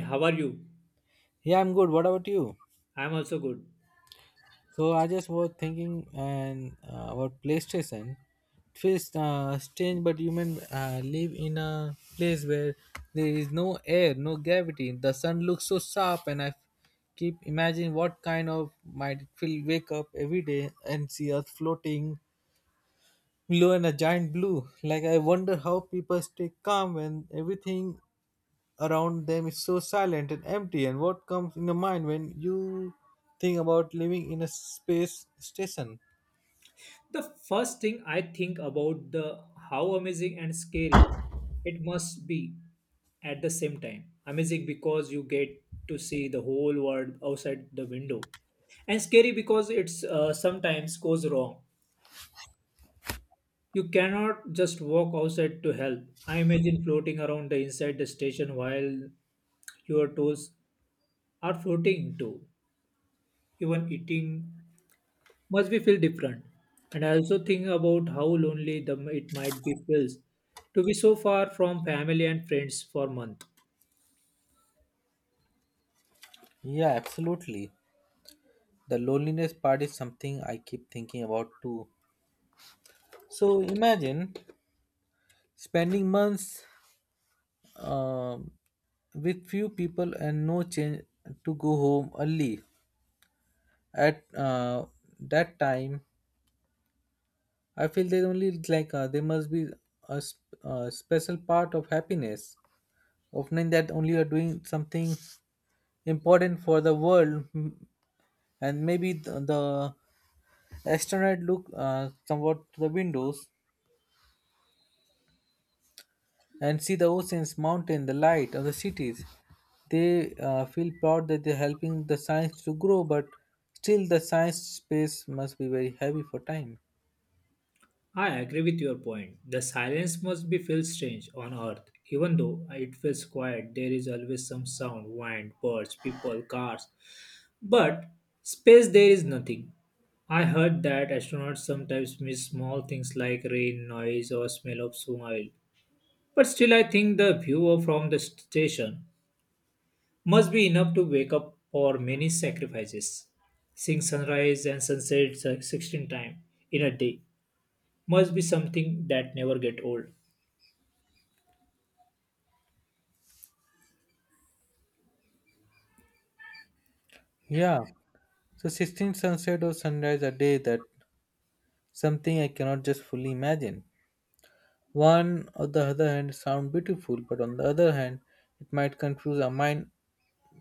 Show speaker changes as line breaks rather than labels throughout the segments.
How are you?
Yeah, I'm good. What about you?
I'm also good.
So I just was thinking and about PlayStation. It feels strange, but human live in a place where there is no air, no gravity. The sun looks so sharp, and I keep imagining what kind of might it feel. Wake up every day and see Earth floating below in a giant blue. Like I wonder how people stay calm when everything around them is so silent and empty, and what comes in your mind when you think about living in a space station.
The first thing I think about the how amazing and scary it must be at the same time. Amazing because you get to see the whole world outside the window, and scary because it's sometimes goes wrong. You cannot just walk outside to help. I imagine floating around the inside the station while your toes are floating too. Even eating must be feel different. And I also think about how lonely it might be feels to be so far from family and friends for month.
Yeah, absolutely. The loneliness part is something I keep thinking about too. So imagine spending months um, with few people and no change to go home early. At that time, I feel there only there must be a special part of happiness of knowing that only you are doing something important for the world, and maybe the astronaut look somewhat to the windows and see the oceans mountain the light of the cities. They feel proud that they're helping the science to grow, but still the science space must be very heavy for time.
I agree with your point. The silence must be feel strange on earth. Even though it feels quiet, there is always some sound, wind, birds, people, cars. But space there is nothing. I heard that astronauts sometimes miss small things like rain, noise, or smell of soil. But still, I think the view from the station must be enough to wake up for many sacrifices. Seeing sunrise and sunset 16 times in a day must be something that never get old.
Yeah, so 16 sunset or sunrise a day, that something I cannot just fully imagine. One on the other hand sound beautiful, but on the other hand it might confuse our mind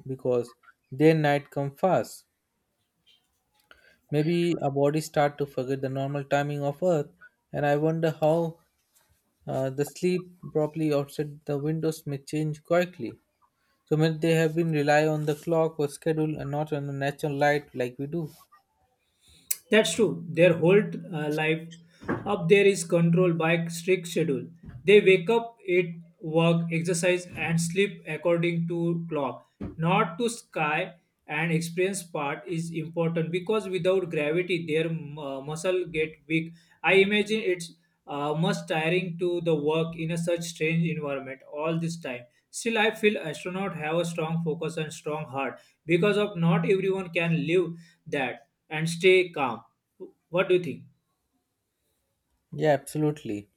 because their night come fast. Maybe our body start to forget the normal timing of Earth, and I wonder how the sleep properly outside the windows may change quickly. So maybe they have been rely on the clock or schedule and not on the natural light like we do.
That's true. Their whole life up there is controlled by strict schedule. They wake up, eat, work, exercise, and sleep according to clock, not to sky. And experience part is important because without gravity, their muscle get weak. I imagine it's much tiring to the work in a such strange environment all this time. Still, I feel astronaut have a strong focus and strong heart because of not everyone can live that and stay calm. What do you think?
Yeah, absolutely.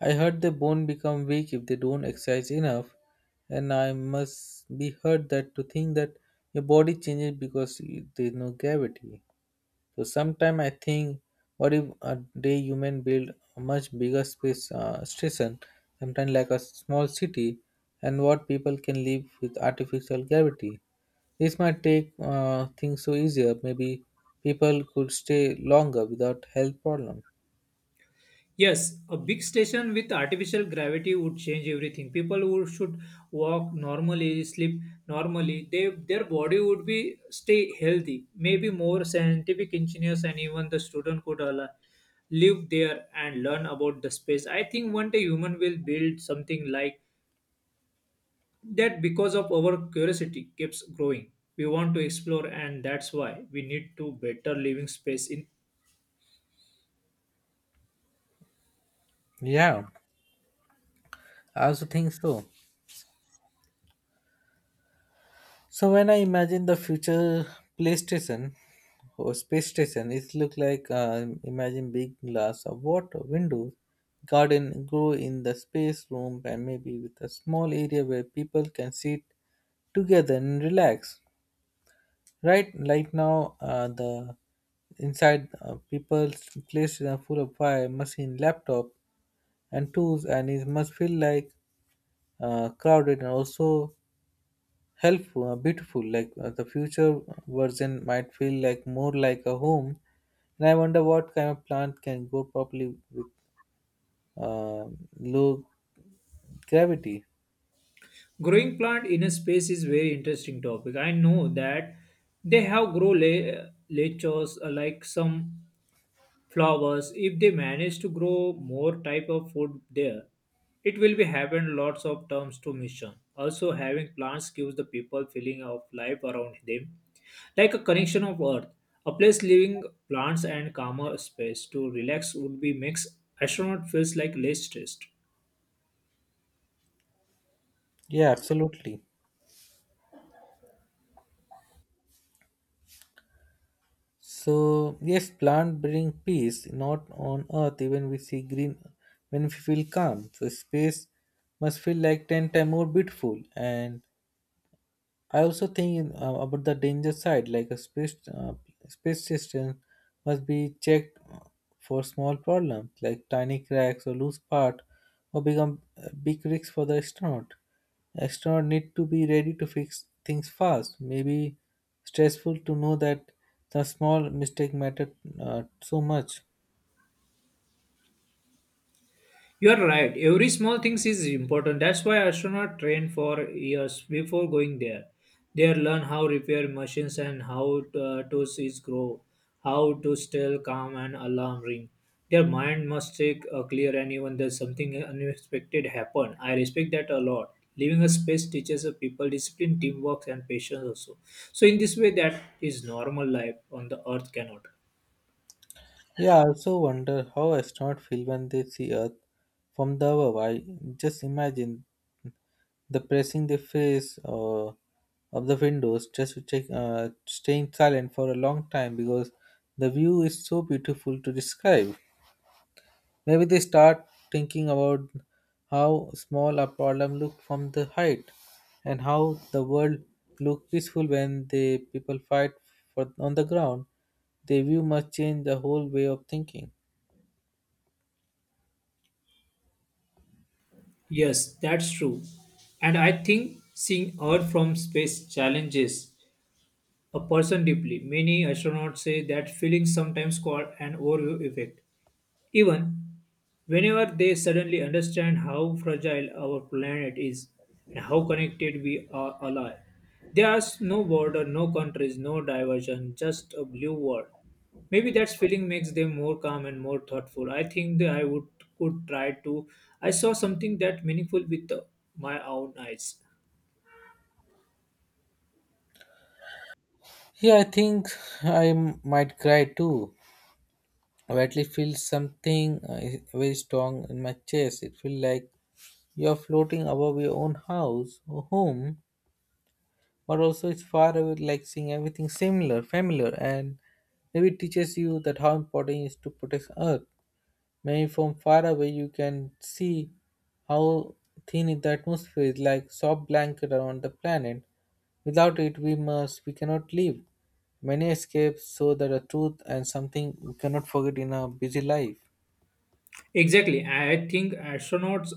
I heard the bone become weak if they don't exercise enough, and I must be heard that to think that your body changes because there is no gravity. So sometime I think, what if a day human build a much bigger space station, sometimes like a small city, and what people can live with artificial gravity. This might take things so easier. Maybe people could stay longer without health problem.
Yes, a big station with artificial gravity would change everything. People would should walk normally, sleep normally. They, their body would be stay healthy. Maybe more scientific engineers and even the student could live there and learn about the space. I think one day human will build something like that because of our curiosity keeps growing. We want to explore, and that's why we need to better living space in
Yeah, I also think so. So when I imagine the future PlayStation or space station, it look like imagine big glass of water windows, garden grow in the space room, and maybe with a small area where people can sit together and relax. Right, right now the inside people's places are full of fire machine laptop and tools, and it must feel like crowded and also helpful beautiful the future version might feel like more like a home, and I wonder what kind of plant can grow properly with uh, low gravity.
growing plant in a space is very interesting topic I know that they have grow lechos like some flowers if they manage to grow more type of food there it will be happen lots of terms to mission also having plants gives the people feeling of life around them like a connection of earth a place living plants and calmer space to relax would be makes astronaut feels like less stressed.
Yeah, absolutely. So yes, plant bring peace, not on earth even we see green when we feel calm, so space must feel like 10 times more beautiful. And I also think about the danger side, like a space system must be checked for small problems like tiny cracks or loose part, or become a big risks for the astronaut. Astronaut need to be ready to fix things fast. Maybe stressful to know that the small mistake mattered so much.
You're right. Every small thing is important. That's why astronauts train for years before going there. They learn how repair machines and how to seas grow, how to still calm and alarm ring. Their mind must stay clear and even there's something unexpected happen. I respect that a lot. Living a space teaches a people discipline, teamwork, and patience also. So in this way, that is normal life on the Earth cannot.
Yeah, I also wonder how astronauts feel when they see Earth from the above. I just imagine the pressing the face of the windows just to check, staying silent for a long time because the view is so beautiful to describe. Maybe they start thinking about how small a problem looked from the height, and how the world looked peaceful when the people fight for on the ground. The view must change the whole way of thinking.
Yes, that's true. And I think seeing Earth from space challenges a person deeply. Many astronauts say that feeling sometimes called an overview effect, even whenever they suddenly understand how fragile our planet is and how connected we are all are, there's no border, no countries, no diversion, just a blue world. Maybe that feeling makes them more calm and more thoughtful. I think that I would could try to. I saw something that meaningful with my own eyes.
Yeah, I think might cry too, or at least feel something very strong in my chest. It feels like you are floating above your own house or home, but also it's far away, like seeing everything similar, familiar, and maybe it teaches you that how important it is to protect Earth. Maybe from far away you can see how thin is the atmosphere is like soft blanket around the planet. Without it, we cannot live. Many escapes show that a truth and something we cannot forget in our busy life.
Exactly. I think astronauts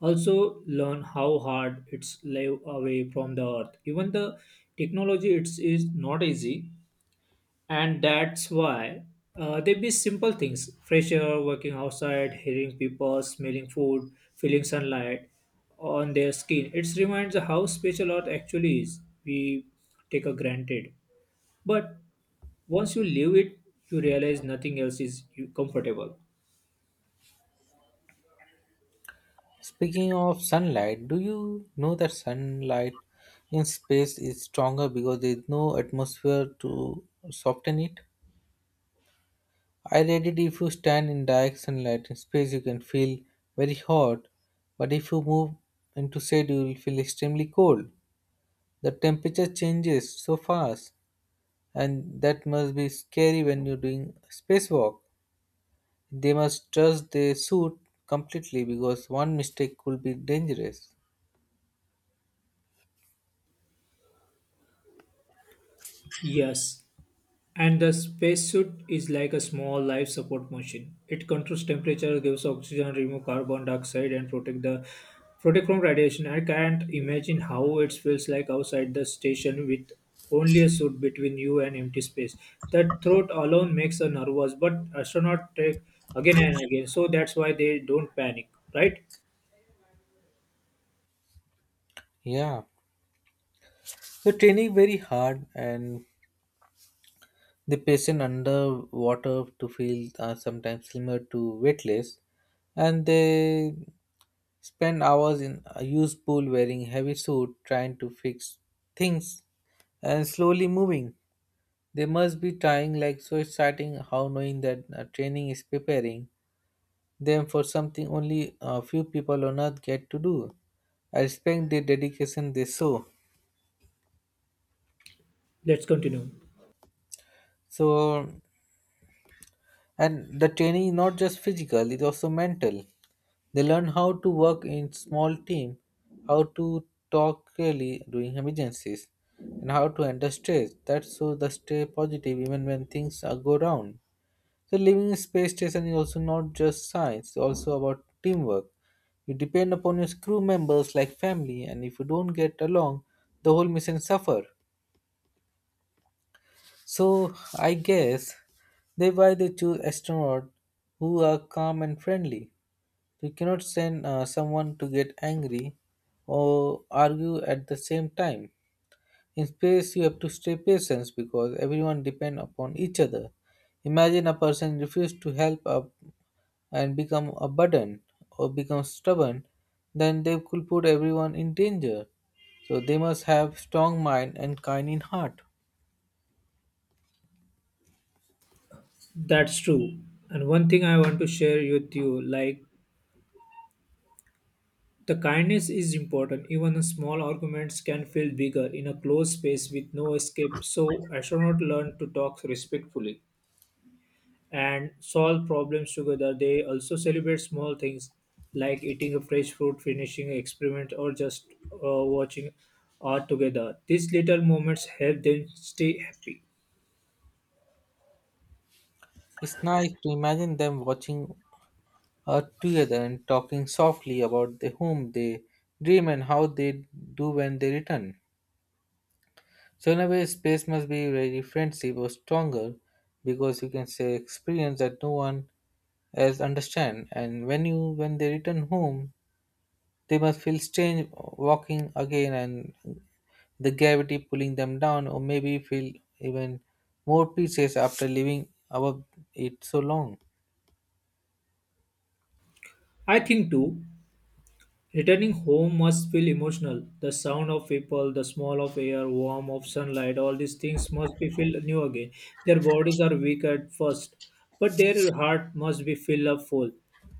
also learn how hard it's live away from the Earth. Even the technology it's is not easy, and that's why they be simple things: fresh air, working outside, hearing people, smelling food, feeling sunlight on their skin. It reminds how special Earth actually is. We take a granted, but once you leave it, you realize nothing else is comfortable.
Speaking of sunlight, do you know that sunlight in space is stronger because there is no atmosphere to soften it? I read it if you stand in direct sunlight in space, you can feel very hot, but if you move into shade, you will feel extremely cold. The temperature changes so fast, and that must be scary when you're doing spacewalk. They must trust their suit completely because one mistake could be dangerous.
Yes, and the spacesuit is like a small life support machine. It controls temperature, gives oxygen, remove carbon dioxide, and protect from radiation. I can't imagine how it feels like outside the station with only a suit between you and empty space. That thought alone makes a nervous, but astronaut take again and again, so that's why they don't panic, right?
Yeah. So training very hard and the patient underwater to feel are sometimes similar to weightless, and they spend hours in a used pool wearing heavy suit trying to fix things and slowly moving. They must be trying like so exciting how knowing that training is preparing them for something only a few people on earth get to do. I respect the dedication they show.
Let's continue.
So, and the training is not just physical, it's also mental. They learn how to work in small team, how to talk clearly during emergencies, and how to handle stress. That's so they stay positive even when things are go wrong. So living in space station is also not just science, it's also about teamwork. You depend upon your crew members like family, and if you don't get along, the whole mission suffer. So I guess they why they choose astronaut who are calm and friendly. You cannot send someone to get angry or argue at the same time. In space, you have to stay patient because everyone depends upon each other. Imagine a person refuse to help up and become a burden or become stubborn, then they could put everyone in danger. So they must have strong mind and kind in heart.
That's true. And one thing I want to share with you, like the kindness is important. Even small arguments can feel bigger in a closed space with no escape. So, astronauts learn to talk respectfully and solve problems together. They also celebrate small things like eating a fresh fruit, finishing an experiment, or just watching art together. These little moments help them stay happy.
It's nice to imagine them watching us together and talking softly about the home they dream and how they do when they return. So in a way, space must be very friendship or stronger because you can say experience that no one else understand. And when they return home, they must feel strange walking again and the gravity pulling them down, or maybe feel even more pieces after living above it so long.
I think too returning home must feel emotional. The sound of people, the smell of air, warmth of sunlight, all these things must be filled new again. Their bodies are weak at first, but their heart must be filled up full.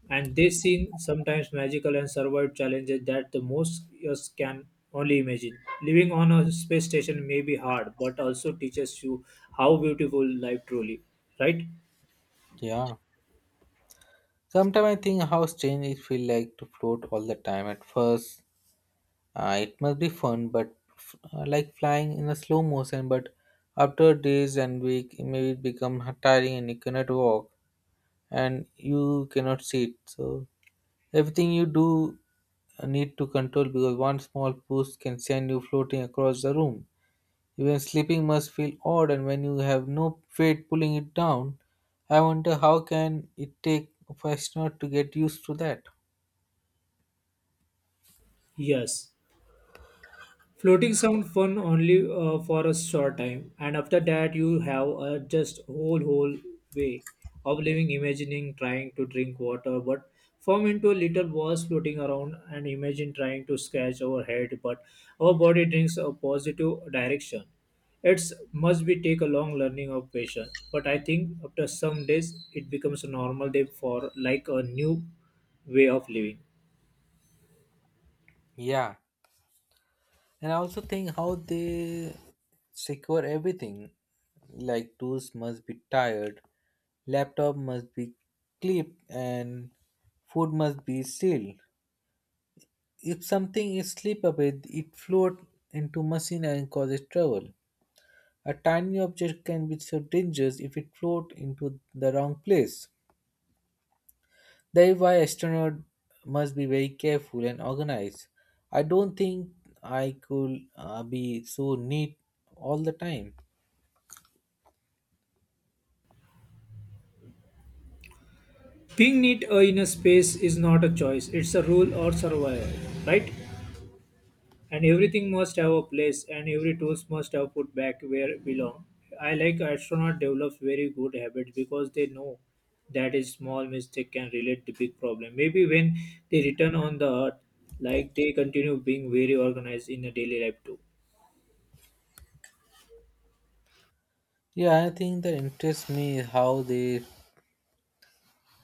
And they seen sometimes magical and survive challenges that the most us can only imagine. Living on a space station may be hard, but also teaches you how beautiful life truly, right?
Yeah. Sometimes I think how strange it feel like to float all the time. At first, it must be fun, but like flying in a slow motion. But after days and week, it may become tiring, and you cannot walk, and you cannot sit. So everything you do need to control because one small push can send you floating across the room. Even sleeping must feel odd, and when you have no weight pulling it down, I wonder how can it take a astronaut to get used to that.
Yes. Floating sound fun only for a short time, and after that you have just whole way of living, imagining trying to drink water, but form into a little balls floating around, and imagine trying to scratch our head, but our body drinks a positive direction. It's must be take a long learning of patience, but I think after some days it becomes a normal day for like a new way of living.
Yeah. And I also think how they secure everything. Like tools must be tired, laptop must be clipped, and food must be sealed. If something is slip a it float into machine and causes trouble. A tiny object can be so dangerous if it float into the wrong place. That is why astronaut must be very careful and organized. I don't think I could be so neat all the time.
Being neat in a space is not a choice, it's a rule or survival, right? And everything must have a place and every tools must have put back where it belong. I like astronaut develops very good habits because they know that a small mistake can relate to big problem. Maybe when they return on the earth, like they continue being very organized in a daily life too.
Yeah, I think that interests me is how they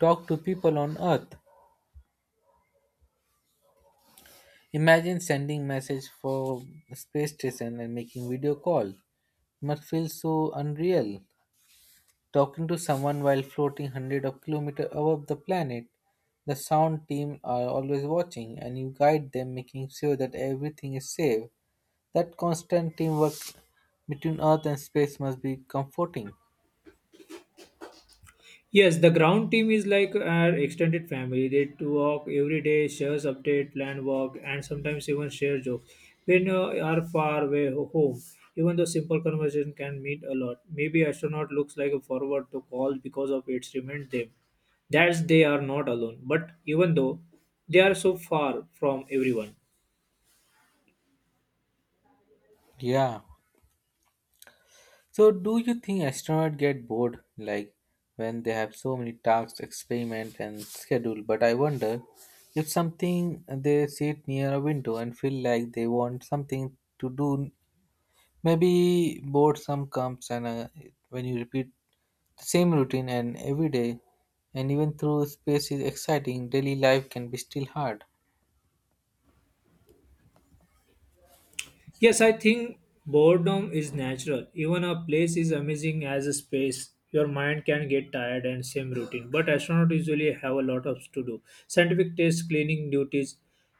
talk to people on Earth. Imagine sending message for space station and making video call. Must feel so unreal. Talking to someone while floating hundred of kilometer above the planet. The sound team are always watching and you guide them making sure that everything is safe. That constant teamwork between Earth and space must be comforting.
Yes, the ground team is like our extended family. They talk every day, shares update, plan work, and sometimes even share jokes. When you are far away home, even though simple conversation can mean a lot. Maybe astronaut looks like a forward to call because of its remind them that they are not alone. But even though they are so far from everyone.
Yeah. So, do you think astronauts get bored, like when they have so many tasks, experiment, and schedule? But I wonder if something they sit near a window and feel like they want something to do. Maybe boredom comes, and when you repeat the same routine and every day, and even though space is exciting, daily life can be still hard.
Yes, I think boredom is natural. Even a place is amazing as a space. Your mind can get tired and same routine. But astronauts usually have a lot of to do. Scientific tests, cleaning duties,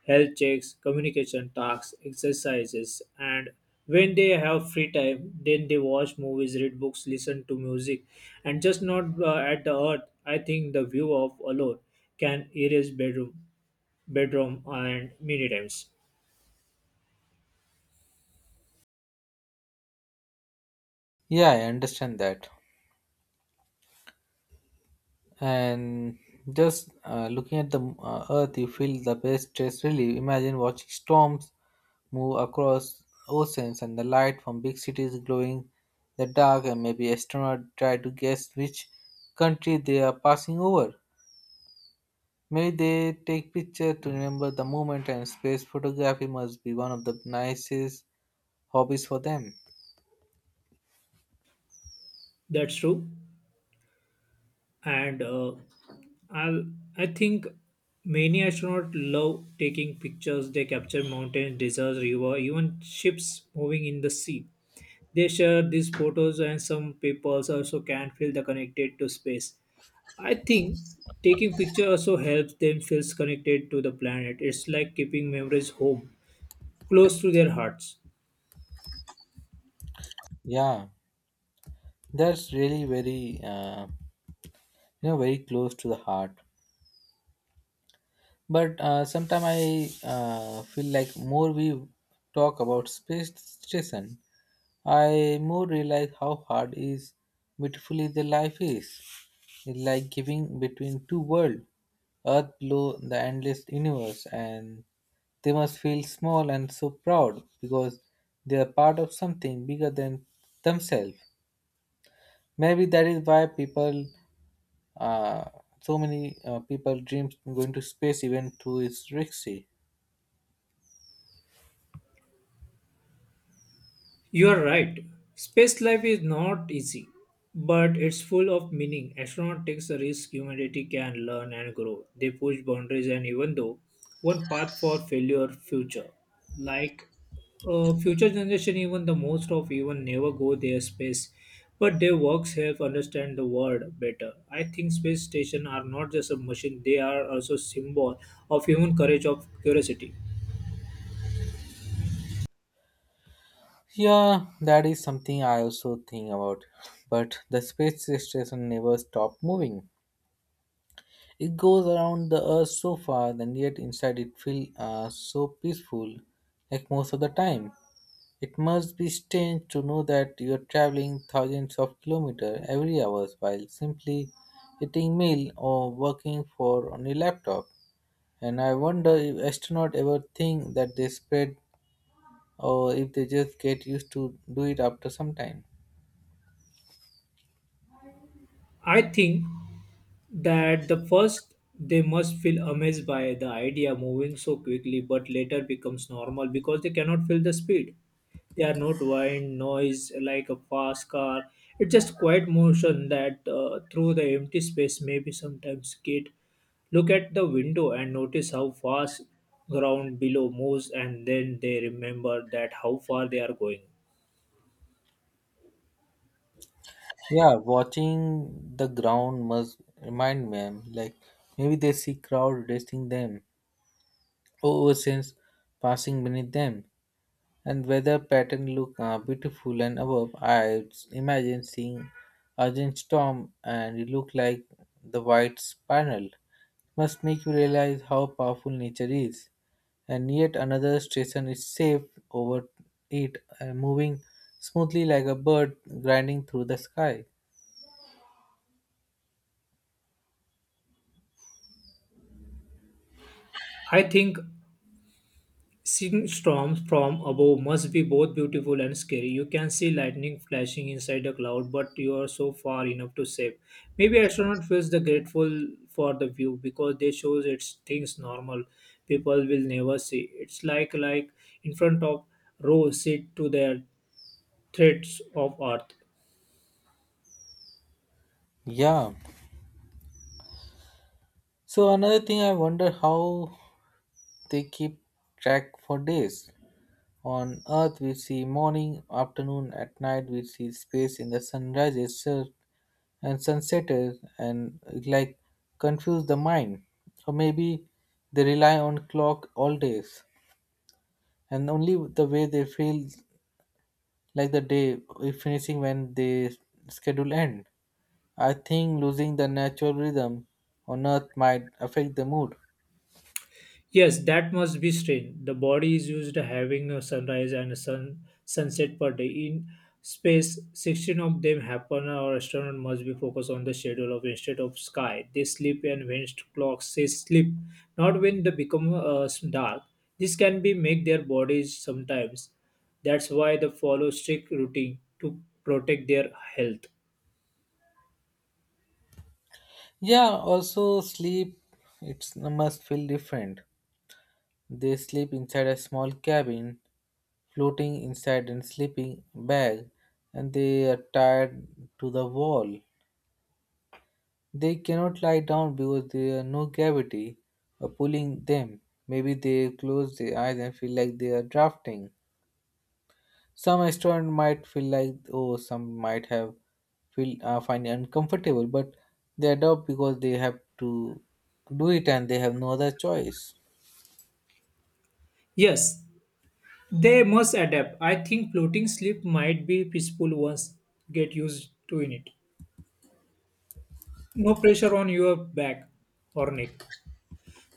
health checks, communication tasks, exercises, and when they have free time, then they watch movies, read books, listen to music, and just not at the earth. I think the view of alone can erase bedroom, and many times.
Yeah, I understand that. And just looking at the earth, you feel the best stress relief. Imagine watching storms move across oceans and the light from big cities glowing the dark, and maybe astronauts try to guess which country they are passing over. Maybe they take pictures to remember the moment, and space photography must be one of the nicest hobbies for them.
That's true. And I'll, I think many astronauts love taking pictures. They capture mountains, deserts, river, even ships moving in the sea. They share these photos, and some people also can feel the connected to space. I think taking pictures also helps them feel connected to the planet. It's like keeping memories home, close to their hearts.
Yeah, that's really very you know, very close to the heart. But sometimes I feel like more we talk about space station, I more realize how hard is beautifully the life is. It's like giving between two worlds, earth below the endless universe, and they must feel small and so proud because they are part of something bigger than themselves. Maybe that is why people, uh, so many people dream going to space even to its risky.
You are right. Space life is not easy, but it's full of meaning. Astronaut takes a risk humanity can learn and grow. They push boundaries and even though one path for failure future. Like future generation, even the most of even never go their space, but their works help understand the world better. I think space station are not just a machine; they are also symbol of human courage of curiosity.
Yeah, that is something I also think about. But the space station never stopped moving. It goes around the earth so fast, and yet inside it feels so peaceful, like most of the time. It must be strange to know that you are traveling thousands of kilometers every hour while simply eating meal or working for on your laptop. And I wonder if astronauts ever think that they spread or if they just get used to do it after some time.
I think that the first they must feel amazed by the idea moving so quickly, but later becomes normal because they cannot feel the speed. They are not wind noise like a fast car. It's just quiet motion that through the empty space. Maybe sometimes kid look at the window and notice how fast ground below moves, and then they remember that how far they are going.
Yeah, watching the ground must remind them. Like maybe they see crowd resting them oceans passing beneath them, and weather pattern look beautiful and above. I imagine seeing urgent storm, and it look like the white spiral. Must make you realize how powerful nature is. And yet another station is safe over it, moving smoothly like a bird grinding through the sky.
I think seeing storms from above must be both beautiful and scary. You can see lightning flashing inside a cloud, but you are so far enough to save. Maybe astronaut feels the grateful for the view because they shows it's things normal people will never see. It's like in front of row seat to their threats of earth.
Yeah. So another thing, I wonder how they keep track for days. On Earth, we see morning, afternoon, at night, we see space in the and sunsetters, and it, like confuse the mind. Or maybe they rely on clock all days, and only the way they feel like the day is finishing when they schedule end. I think losing the natural rhythm on Earth might affect the mood.
Yes, that must be strain. The body is used to having a sunrise and a sun sunset per day. In space, 16 of them happen. Our astronaut must be focused on the schedule of instead of sky. They sleep and when clocks say sleep, not when they become dark. This can be make their bodies sometimes. That's why they follow strict routine to protect their health.
Yeah, also sleep, it's must feel different. They sleep inside a small cabin floating inside a sleeping bag and they are tied to the wall. They cannot lie down because there are no gravity pulling them. Maybe they close their eyes and feel like they are drafting. Some astronaut might feel like oh, some might have feel find it uncomfortable, but they adopt because they have to do it and they have no other choice.
Yes, they must adapt. I think floating sleep might be peaceful once get used to in it. No pressure on your back or neck.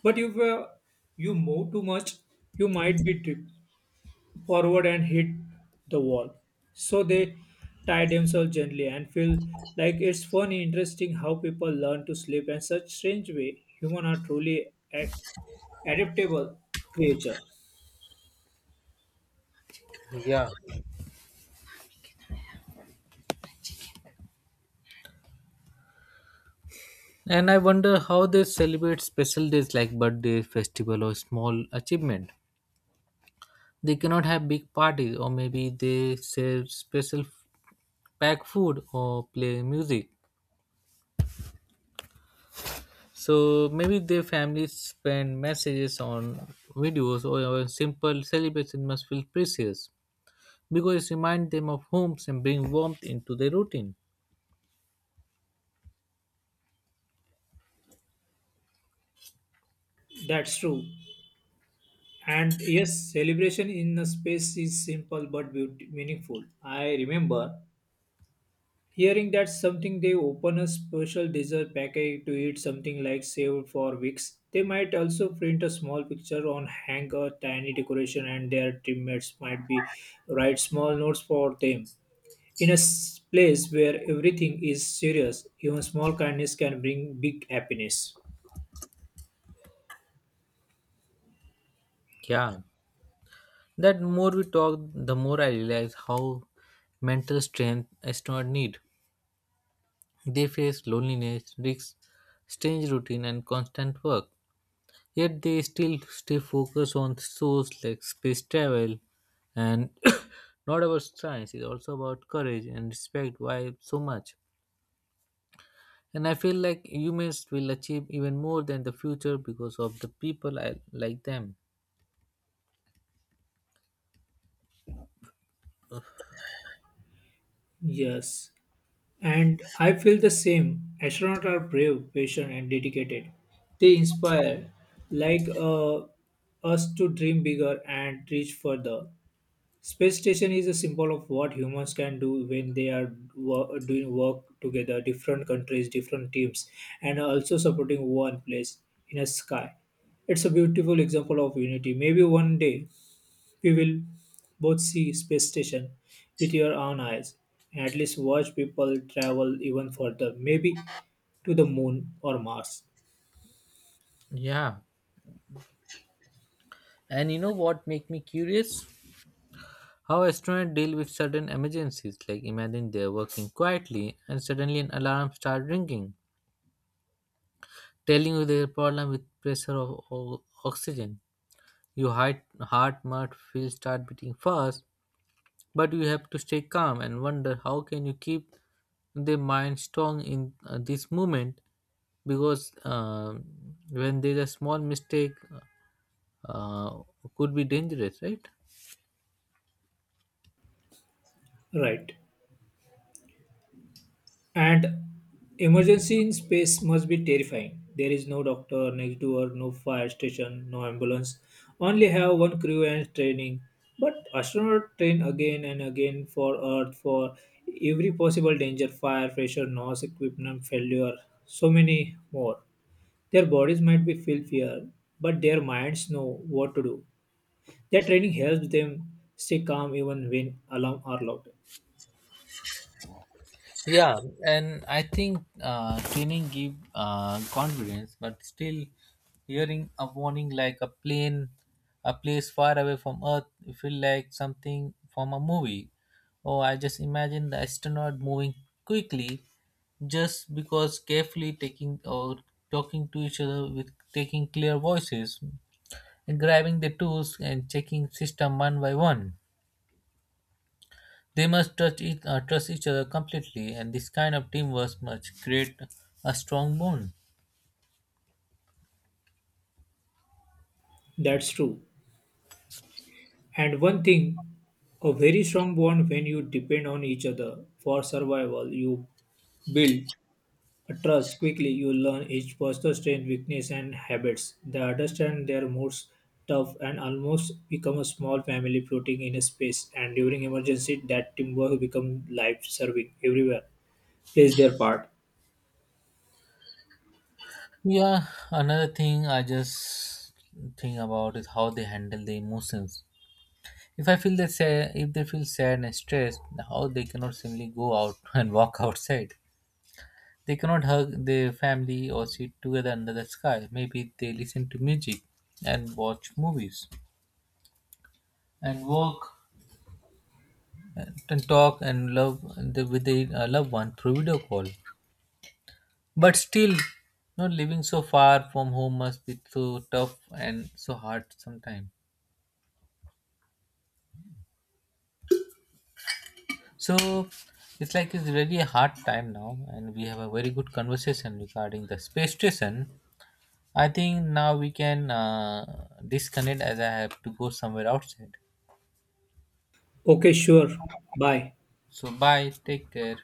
But if you move too much, you might be tipped forward and hit the wall. So they tie themselves gently and feel like it's funny, interesting how people learn to sleep in such strange way. Humans are truly adaptable creature.
Yeah. And I wonder how they celebrate special days like birthday, festival, or small achievement. They cannot have big parties or maybe they serve pack food or play music, so maybe their families spend messages on videos or a simple celebration must feel precious because it reminds them of homes and bring warmth into their routine.
That's true. And yes, celebration in a space is simple but meaningful. I remember hearing that something they open a special dessert package to eat something like saved for weeks. They might also print a small picture on hang a tiny decoration and their teammates might be write small notes for them. In a place where everything is serious, even small kindness can bring big happiness.
Yeah, that more we talk the more I realize how mental strength is not need. They face loneliness risks, strange routine and constant work. Yet they still stay focused on shows like space travel and not about science. It's also about courage and respect. Why so much? And I feel like humans will achieve even more than the future because of the people I like them.
Yes. And I feel the same. Astronauts are brave, patient, and dedicated. They inspire like us to dream bigger and reach further. Space station is a symbol of what humans can do when they are doing work together, different countries, different teams, and also supporting one place in a sky. It's a beautiful example of unity. Maybe one day we will both see space station with your own eyes and at least watch people travel even further, maybe to the moon or Mars.
Yeah. And you know what make me curious? How astronauts deal with sudden emergencies. Like imagine they're working quietly and suddenly an alarm starts ringing, telling you their problem with pressure of oxygen. Your heart might feel start beating fast, but you have to stay calm and wonder how can you keep the mind strong in this moment because when there's a small mistake uh, could be dangerous, right?
Right. And emergency in space must be terrifying. There is no doctor next door, no fire station, no ambulance. Only have one crew and training. But astronaut train again and again for Earth for every possible danger, fire, pressure, noise, equipment failure, so many more. Their bodies might be feel fear, but their minds know what to do. Their training helps them stay calm even when alarm are loud.
Yeah, and I think training give confidence, but still hearing a warning like a plane, a place far away from Earth, you feel like something from a movie. Or I just imagine the astronaut moving quickly, just because carefully taking or talking to each other with taking clear voices, and grabbing the tools and checking system one by one. They must trust each other completely, and this kind of teamwork must create a strong bond.
That's true. And one thing, a very strong bond when you depend on each other for survival. You build a trust quickly. You learn each person's strength, weakness, and habits. They understand their moods tough and almost become a small family floating in a space and during emergency that teamwork becomes life serving everywhere plays their part.
Yeah, another thing I just think about is how they handle the emotions. If I feel that sad, if they feel sad and stressed, how they cannot simply go out and walk outside. They cannot hug their family or sit together under the sky. Maybe they listen to music and watch movies and walk and talk and love with their loved one through video call. But still, not living so far from home must be so tough and so hard sometimes. So it's like it's really a hard time now, and we have a very good conversation regarding the space station. I think now we can disconnect as I have to go somewhere outside.
Okay, sure. Bye.
So bye, take care.